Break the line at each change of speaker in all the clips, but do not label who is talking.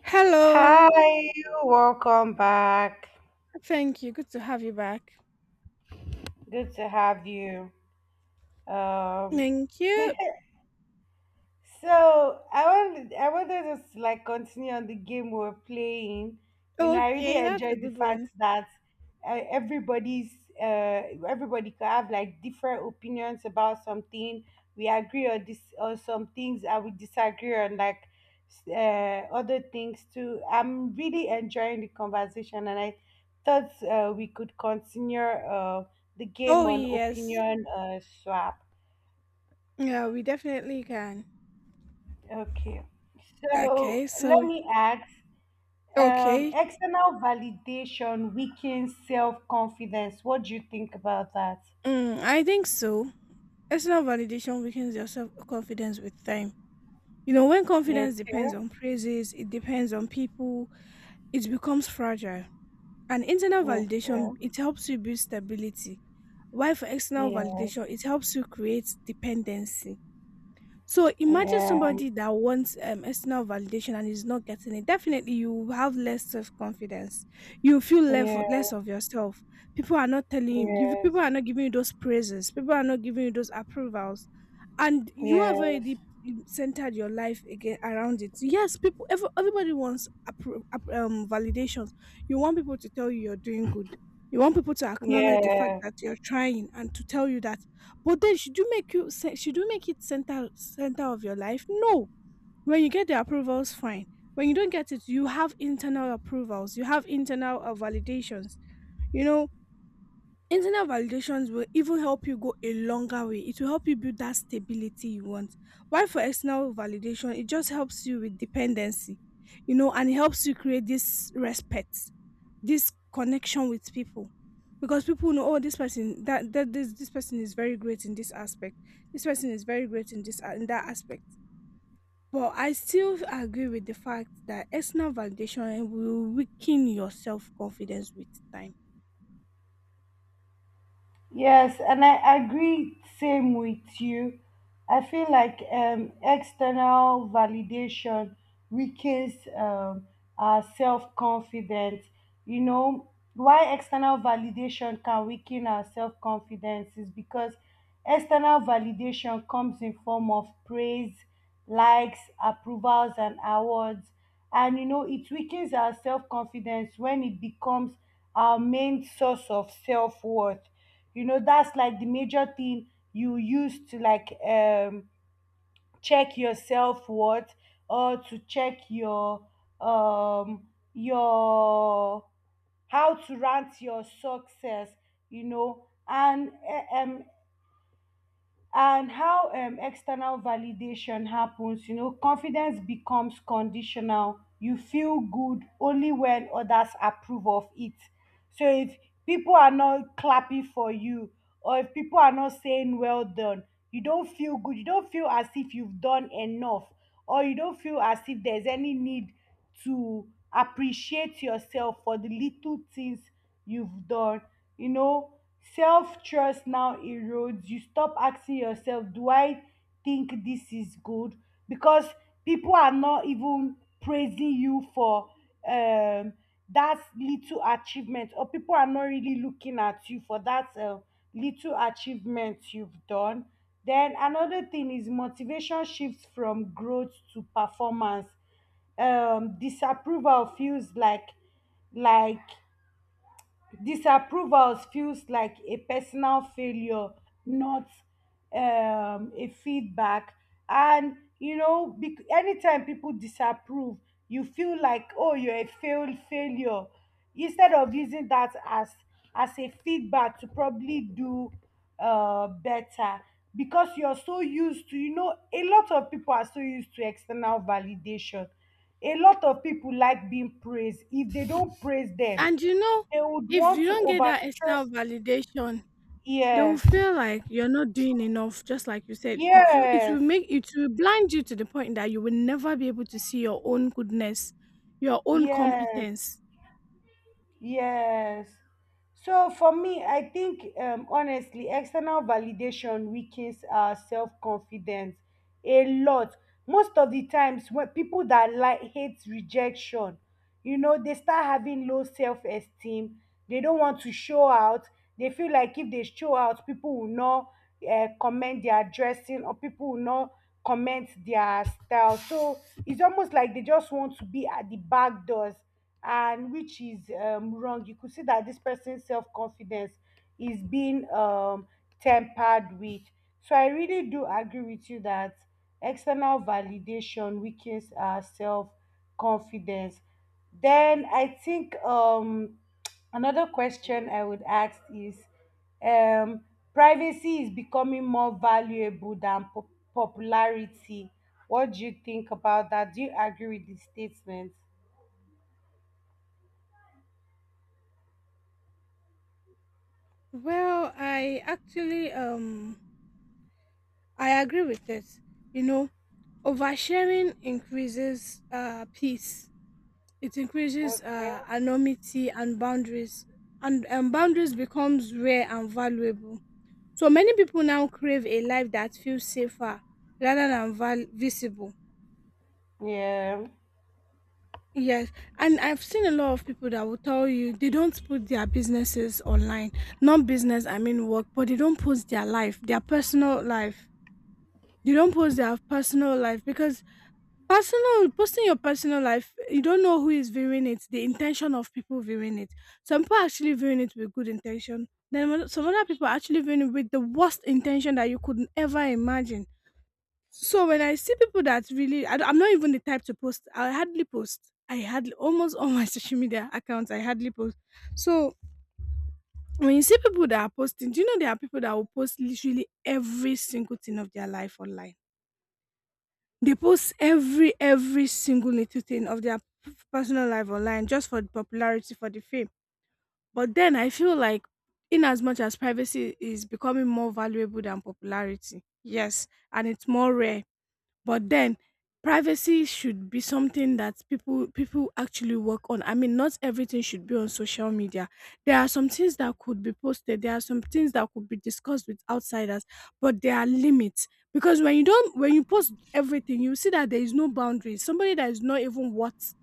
Hello.
Hi, welcome back.
Thank you. Good to have you back.
Good to have you. Um,
Thank you.
So I wanted us to like continue on the game we were playing. You know, I really
Okay, that's a
enjoyed the
good
fact
one.
that uh, everybody's everybody could have like different opinions about something. We agree on this on some things, and we disagree on like other things too. I'm really enjoying the conversation, and I thought we could continue the
Oh,
game on
yes.
opinion swap.
Yeah, we definitely can.
Okay, so
Okay,
let
so,
me ask,
okay.
external validation weakens self-confidence. What do you think about that?
Mm, I think so. External validation weakens your self confidence with time. You know, when confidence depends
Okay,
on praises, it depends on people, it becomes fragile. And internal
okay,
validation, it helps you build stability. While for external
yeah,
validation, it helps you create dependency. So imagine
yeah,
somebody that wants external validation and is not getting it. Definitely, you will have less self confidence. You feel less
yeah,
less of yourself. People are not telling you.
yes,
People are not giving you those praises. People are not giving you those approvals, and you have
yes,
already
yes,
centered your life again around it. Yes, people. Everybody wants validations. You want people to tell you you're doing good. You want people to acknowledge the fact
yes.
that you're trying and to tell you that, but then should you make it center of your life? No. When you get the approvals, fine. When you don't get it, you have internal approvals. You have internal validations. You know, internal validations will even help you go a longer way. It will help you build that stability you want. Why for external validation, it just helps you with dependency, you know, and it helps you create this respect, this connection with people. Because people know, oh, this person that this person is very great in this aspect. This person is very great in this in that aspect. But I still agree with the fact that external validation will weaken your self confidence with time.
Yes, and I agree same with you. I feel like external validation weakens, our self-confidence. You know, why external validation can weaken our self-confidence is because external validation comes in form of praise, likes, approvals, and awards. And you know, it weakens our self-confidence when it becomes our main source of self-worth. You know, that's like the major thing you use to like check your self worth, or to check um your how to rank your success. You know, and how external validation happens. You know, confidence becomes conditional. You feel good only when others approve of it. So if people are not clapping for you, or if people are not saying well done, you don't feel good. You don't feel as if you've done enough, or you don't feel as if there's any need to appreciate yourself for the little things you've done. You know, self trust now erodes. You stop asking yourself, do I think this is good? Because people are not even praising you for um that little achievement, or people are not really looking at you for that little achievement you've done. Then another thing is motivation shifts from growth to performance. Disapproval feels like Disapproval feels like a personal failure, not a feedback. And you know, anytime people disapprove, you feel like, oh, you're a failed failure. Instead of using that as a feedback to probably do better, because you're so used to, you know, a lot of people are so used to external validation. A lot of people like being praised. If they don't praise them,
And you know,
they would
if
want
you
to
don't get that external
overstress.
validation, they will
Yes,
feel like you're not doing enough. Just like you said, it will
yes,
make it will blind you to the point that you will never be able to see your own goodness, your own
yes.
competence.
Yes. So for me, I think, honestly, external validation weakens our self confidence a lot. Most of the times, when people that like hate rejection, you know, they start having low self esteem. They don't want to show out. They feel like if they show out, people will not comment their dressing, or people will not comment their style. So it's almost like they just want to be at the back doors, and which is, wrong. You could see that this person's self confidence is being, tempered with. So I really do agree with you that external validation weakens our self confidence. Then I think, another question I would ask is, um, privacy is becoming more valuable than popularity. What do you think about that? Do you agree with this statement?
Well, I actually I agree with this. You know, oversharing increases peace. It increases
Okay.
anonymity and boundaries, and boundaries becomes rare and valuable. So many people now crave a life that feels safer rather than visible.
Yeah.
Yes, and I've seen a lot of people that will tell you they don't put their businesses online. Not business, I mean work, but they don't post their life, their personal life. They don't post their personal life because personal posting your personal life, you don't know who is viewing it, the intention of people viewing it. Some people actually viewing it with good intention. Then some other people actually viewing it with the worst intention that you could ever imagine. So when I see people that really, I am not even the type to post. I hardly post. I hardly almost all my social media accounts. I hardly post. So when you see people that are posting, do you know there are people that will post literally every single thing of their life online? They post every single little thing of their personal life online just for the popularity, for the fame. But then I feel like, in as much as privacy is becoming more valuable than popularity, yes, and it's more rare. But then privacy should be something that people actually work on. I mean, not everything should be on social media. There are some things that could be posted, there are some things that could be discussed with outsiders, but there are limits. Because when you don't when you post everything, you see that there is no boundaries. Somebody that is not even worth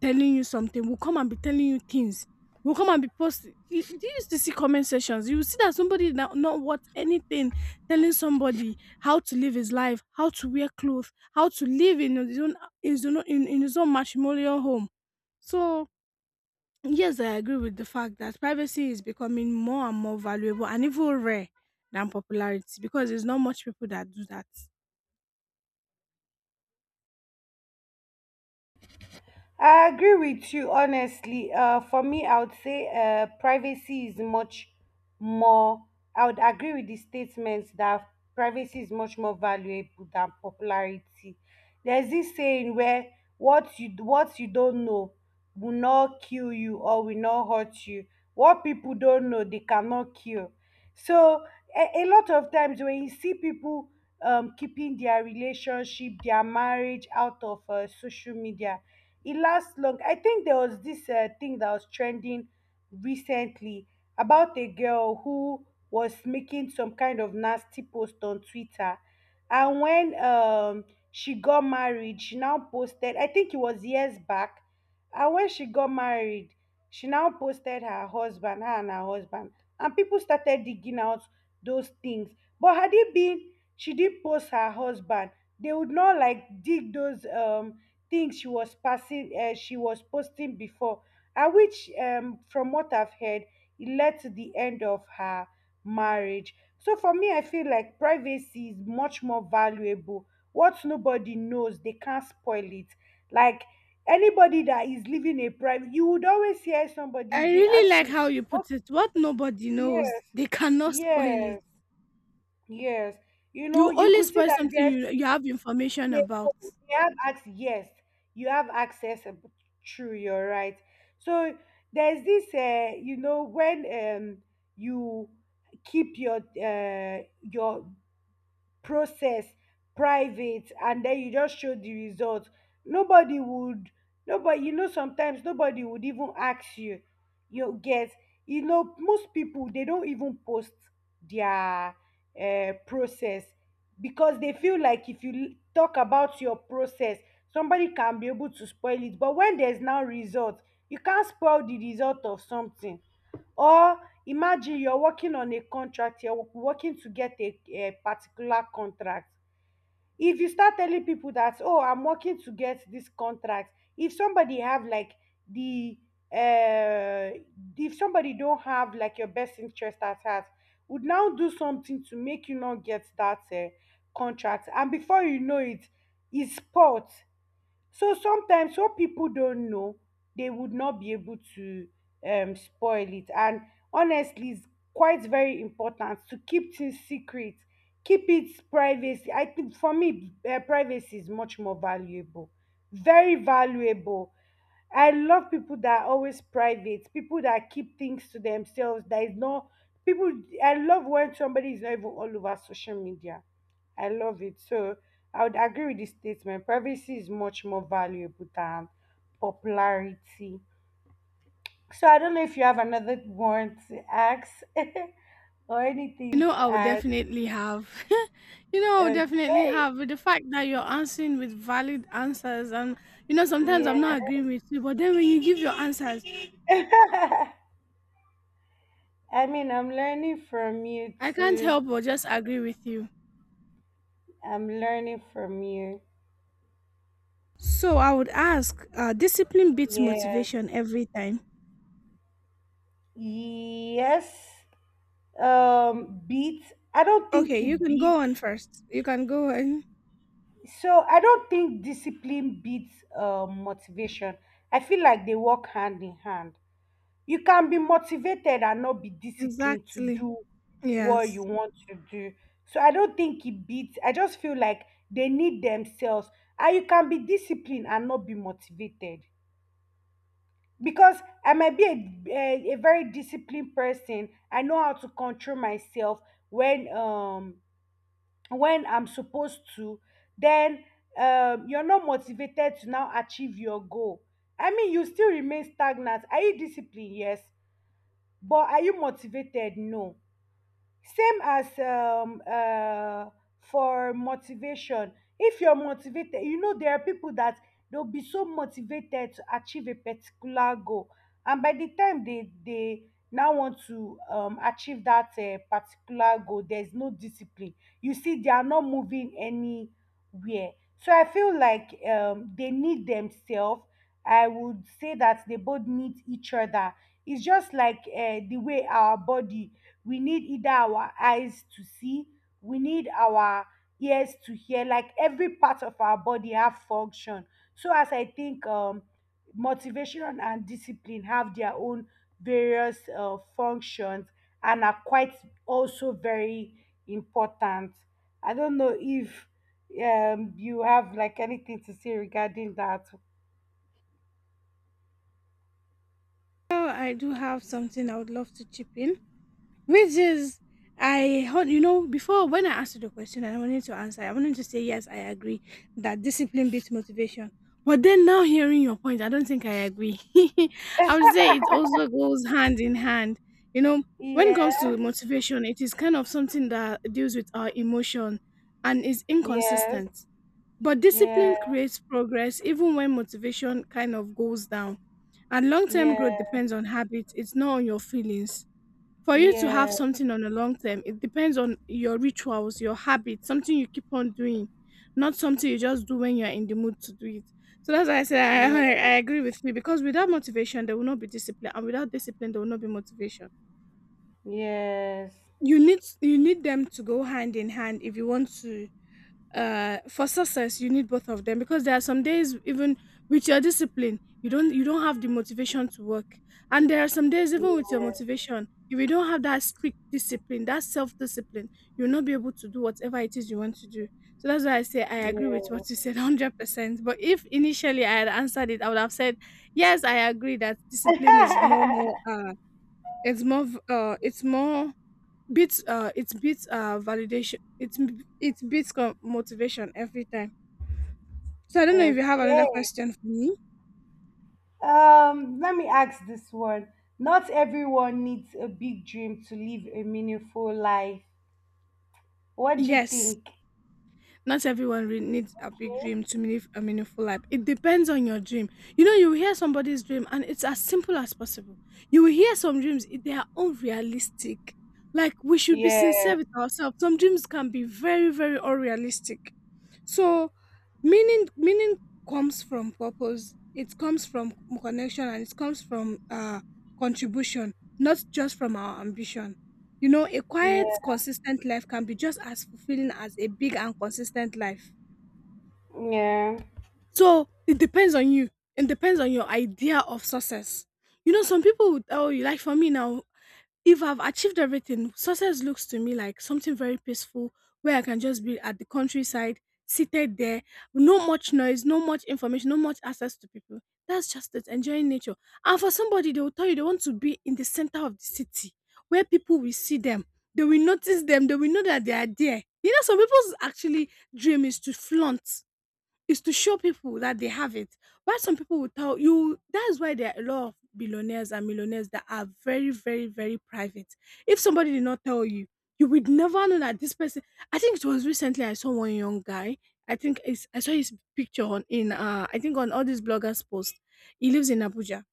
telling you something will come and be telling you things. Will come and be posting. You, do you used to see comment sections? You will see that somebody not worth anything telling somebody how to live his life, how to wear clothes, how to live in his own, his own in his own matrimonial home. So yes, I agree with the fact that privacy is becoming more and more valuable and even rare than popularity because there's not much people that do that.
I agree with you, honestly. For me, I would say privacy is much more, I would agree with the statements that privacy is much more valuable than popularity. There's this saying where what you don't know will not kill you or will not hurt you. What people don't know, they cannot kill. So a lot of times when you see people keeping their relationship, their marriage out of social media, it lasts long. I think there was this thing that was trending recently about a girl who was making some kind of nasty post on Twitter. And when, she got married, she now posted, I think it was years back. And when she got married, she now posted her husband, her and her husband. And people started digging out those things. But had it been she did post her husband, they would not like dig those things she was passing she was posting before, and which, from what I've heard, it led to the end of her marriage. So for me, I feel like privacy is much more valuable. What nobody knows, they can't spoil it. Like, anybody that is living a private, you would always hear somebody,
I
if they
really
ask
like
you
how you
what.
put it. What nobody knows,
Yes,
they cannot spoil it.
yes, yes. You know,
You
you
only
could see
spoil
that there
something
are,
you have information
they know.
about.
They have access. Yes, you have access. True, you're right. So there's this, you know, when, you keep your process private, and then you just show the result. Nobody would, nobody, you know, sometimes nobody would even ask you. You get. You know, most people, they don't even post their process, because they feel like if you talk about your process, somebody can be able to spoil it. But when there's now result, you can't spoil the result of something. Or imagine you're working on a contract, you're working to get a particular contract. If you start telling people that, oh, I'm working to get this contract, if somebody have like the uh if somebody don't have like your best interest at heart, would now do something to make you not get that contract, and before you know it, it's spot. So sometimes what people don't know, they would not be able to spoil it. And honestly, it's quite very important to keep things secret, keep it privacy. I think for me, privacy is much more valuable, very valuable. I love people that are always private, people that keep things to themselves. That is not people. I love when somebody is not even all over social media. I love it. So I would agree with this statement. Privacy is much more valuable than popularity. So I don't know if you have another one to ask, or
You know,
anything to
I would
add.
definitely have. You know, I would definitely
Okay.
have. With the fact that you're answering with valid answers, and you know, sometimes
Yeah.
I'm not agreeing with you, but then when you give your answers,
I mean, I'm learning from you
I can't
too.
help but just agree with you.
I'm learning from you.
So I would ask, discipline beats
Yeah.
motivation every time.
Yes. Beat. I don't
Okay,
think
you
it
can
beat.
go on first. You can go on.
So I don't think discipline beats motivation. I feel like they work hand in hand. You can be motivated and not be disciplined to
Exactly.
do what you
Yes.
want to do. So I don't think it beats. I just feel like they need themselves. And you can be disciplined and not be motivated. Because I might be a very disciplined person. I know how to control myself when, when I'm supposed to. Then, you're not motivated to now achieve your goal, I mean you still remain stagnant. Are you disciplined? Yes. But are you motivated? No. Same as, for motivation, if you're motivated, you know there are people that they'll be so motivated to achieve a particular goal, and by the time they now want to achieve that particular goal, there's no discipline, you see they are not moving anywhere. So I feel like, they need themselves. I would say that they both need each other. It's just like, the way our body, we need either our eyes to see, we need our ears to hear, like every part of our body have function. So as I think, motivation and discipline have their own various functions, and are quite also very important. I don't know if you have like anything to say regarding that.
Oh, I do have something I would love to chip in. Which is, you know, before when I asked you the question and I wanted to answer, I wanted to say, yes, I agree that discipline beats motivation. But then now hearing your point, I don't think I agree. I would say it also goes hand in hand. You know, when it comes
Yeah,
to motivation, it is kind of something that deals with our emotion and is
yes,
inconsistent. But
yeah,
discipline creates progress even when motivation kind of goes down. And long term growth
yeah,
depends on habits, it's not on your feelings. For you to have
yeah,
something on a long term, it depends on your rituals, your habits, something you keep on doing, not something you just do when you're in the mood to do it. So that's why I say I
yeah,
agree with you, because without motivation, there will not be discipline, and without discipline, there will not be motivation.
yes,
You need them to go hand in hand if you want to, for success you need both of them, because there are some days even with your discipline you don't have the motivation to work, and there are some days even with your
yes.
motivation, if you don't have that strict discipline, that self-discipline, you'll not be able to do whatever it is you want to do. So that's why I say I agree with
Yeah.
what you said 100%. But if initially I had answered it, I would have said yes, I agree that discipline is more, it's more, it's more, beats, it beats, validation, it beats, motivation every time. So I don't know if you have another
Okay.
question for me.
Let me ask this one. Not everyone needs a big dream to live a meaningful life. What do you
Yes,
think?
not everyone re- needs a big dream to live a meaningful life. It depends on your dream. You know, you will hear somebody's dream and it's as simple as possible. You will hear some dreams, they are unrealistic. Like, we should be sincere
Yes.
with ourselves. Some dreams can be very, very unrealistic. So, meaning comes from purpose, it comes from connection, and it comes from contribution, not just from our ambition. You know, a quiet,
Yeah.
consistent life can be just as fulfilling as a big and consistent life.
Yeah.
So it depends on you. It depends on your idea of success. You know, some people will tell you, like for me now, if I've achieved everything, success looks to me like something very peaceful where I can just be at the countryside, seated there, no much noise, no much information, no much access to people. That's just it, enjoying nature. And for somebody, they will tell you they want to be in the center of the city where people will see them, they will notice them, they will know that they are there. You know, some people's actually dream is to flaunt, is to show people that they have it. Why some people will tell you that's why there are a lot of billionaires and millionaires that are very, very, very private. If somebody did not tell you, you would never know that this person. I think it was recently I saw one young guy. I think it's, I saw his picture on in I think on all these bloggers posts. He lives in Abuja,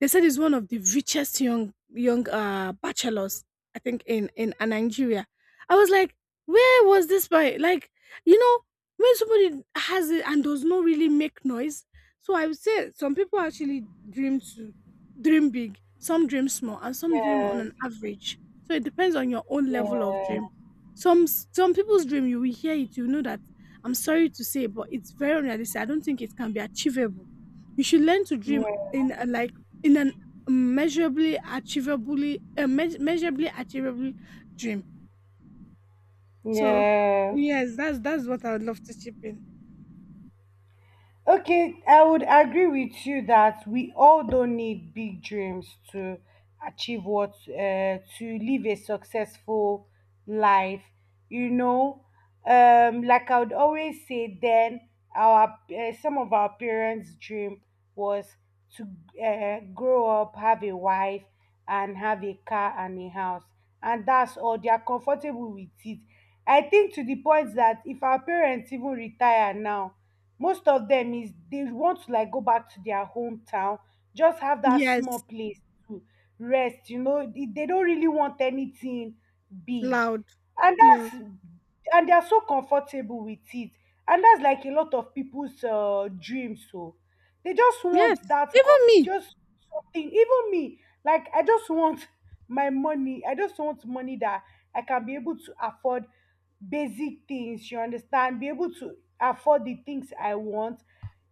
they said he's one of the richest young bachelors, I think in Nigeria. I was like, where was this by? Like, you know, when somebody has it and does not really make noise. So I would say some people actually dream to dream big, some dream small, and some dream on
Yes.
an average. So it depends on your own level of
Yeah.
dream. Some people's dream, you will hear it, you know that, I'm sorry to say, but it's very unrealistic. I don't think it can be achievable. You should learn to dream
Yeah.
in like, in an, measurably achievably, measurably achievable dream. So
Yeah.
yes, that's what I would love to chip in.
Okay, I would agree with you that we all don't need big dreams to achieve what to live a successful life. You know, like I would always say, then our some of our parents' dream was to grow up, have a wife, and have a car and a house, and that's all. They are comfortable with it. I think to the point that if our parents even retire now, most of them is they want to like go back to their hometown, just have that
Yes,
small place to rest. You know, they don't really want anything big,
loud.
and
Yes,
that's, and they are so comfortable with it. And that's like a lot of people's dreams. So they just
yes,
want that cup,
even me.
just something. Even me, like I just want my money. I just want money that I can be able to afford basic things. You understand? Be able to afford the things I want.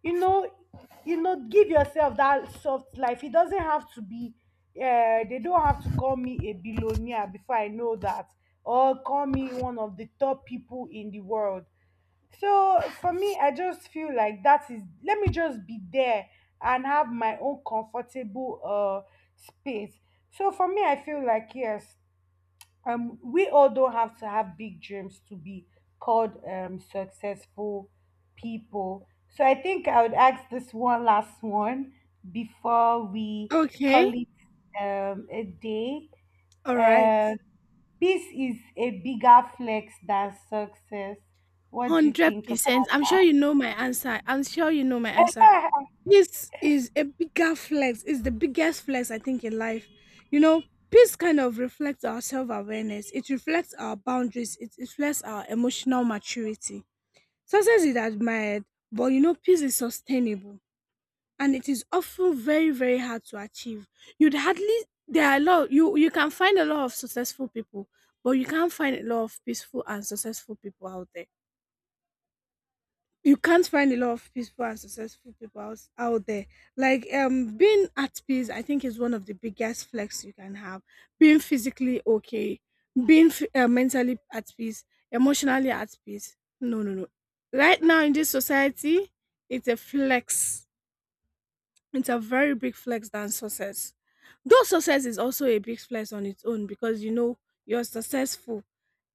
You know, you know, give yourself that soft life. It doesn't have to be. They don't have to call me a billionaire before I know that, or call me one of the top people in the world. So for me, I just feel like that is, let me just be there and have my own comfortable space. So for me, I feel like yes, we all don't have to have big dreams to be called successful people. So I think I would ask this one last one before we
Okay,
call it a day.
all right.
Um, Peace is a bigger flex than success. What do you think
100%, I'm sure
about
you know my answer, I'm sure you know my answer.
that?
This is a bigger flex, it's the biggest flex I think in life. You know, peace kind of reflects our self-awareness, it reflects our boundaries, it reflects our emotional maturity. Success is admired, but you know, peace is sustainable and it is often very, very hard to achieve. You'd hardly there are a lot, you can find a lot of successful people, but you can't find a lot of peaceful and successful people out there, you can't find a lot of peaceful and successful people out there. Like, um, being at peace, I think is one of the biggest flex you can have. Being physically okay, being mentally at peace, emotionally at peace. No, no, no. Right now in this society, it's a flex, it's a very big flex than success. Though success is also a big flex on its own, because you know, you're successful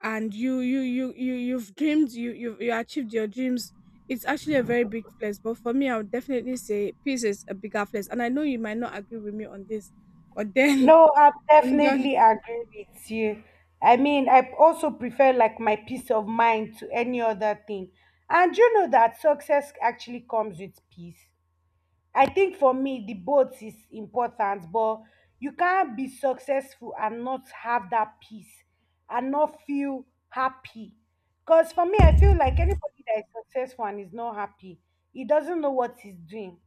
and you've dreamed, you achieved your dreams. It's actually a very big flex. But for me, I would definitely say peace is a bigger flex. And I know you might not agree with me on this, but then
No, I
I'm done.
definitely agree with you. I mean, I also prefer like my peace of mind to any other thing. And you know that success actually comes with peace. I think for me, the both is important, but you can't be successful and not have that peace and not feel happy. Because for me, I feel like anybody that is successful and is not happy, he doesn't know what he's doing.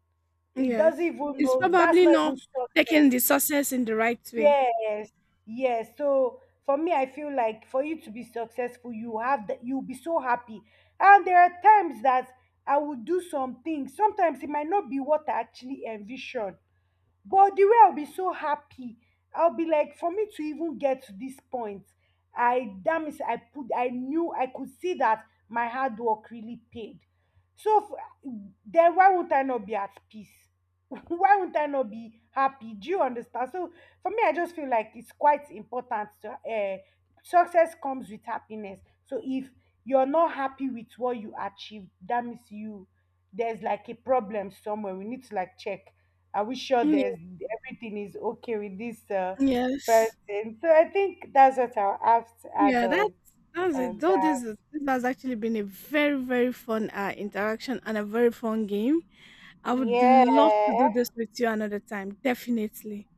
He doesn't
Yes.
even
It's
know that's
probably
not even
not taking
success.
the success in the right way.
Yes, yes. So for me, I feel like for you to be successful, you have that you'll be so happy. And there are times that I would do some things. Sometimes it might not be what I actually envisioned. But the way I'll be so happy, I'll be like, for me to even get to this point, I damn it, I put, I knew, I could see that my hard work really paid. So f- then why won't I not be at peace? Why won't I not be happy? Do you understand? So for me, I just feel like it's quite important to, success comes with happiness. So if you're not happy with what you achieved, that means you there's like a problem somewhere. We need to like check. Are we sure
Mm,
there's everything is okay with this
yes.
person? So I think that's what I'll have to add
Yeah, that's
on,
it.
on
Though
that.
this is- this has actually been a very very fun interaction and a very fun game. I would love to do
Yeah,
this with you another time, definitely.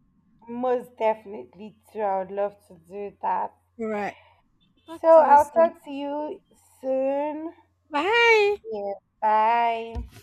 most definitely too. I would love to do that.
All right. Talk
So
to you
I'll
soon.
talk to you soon.
Bye.
Yeah, bye.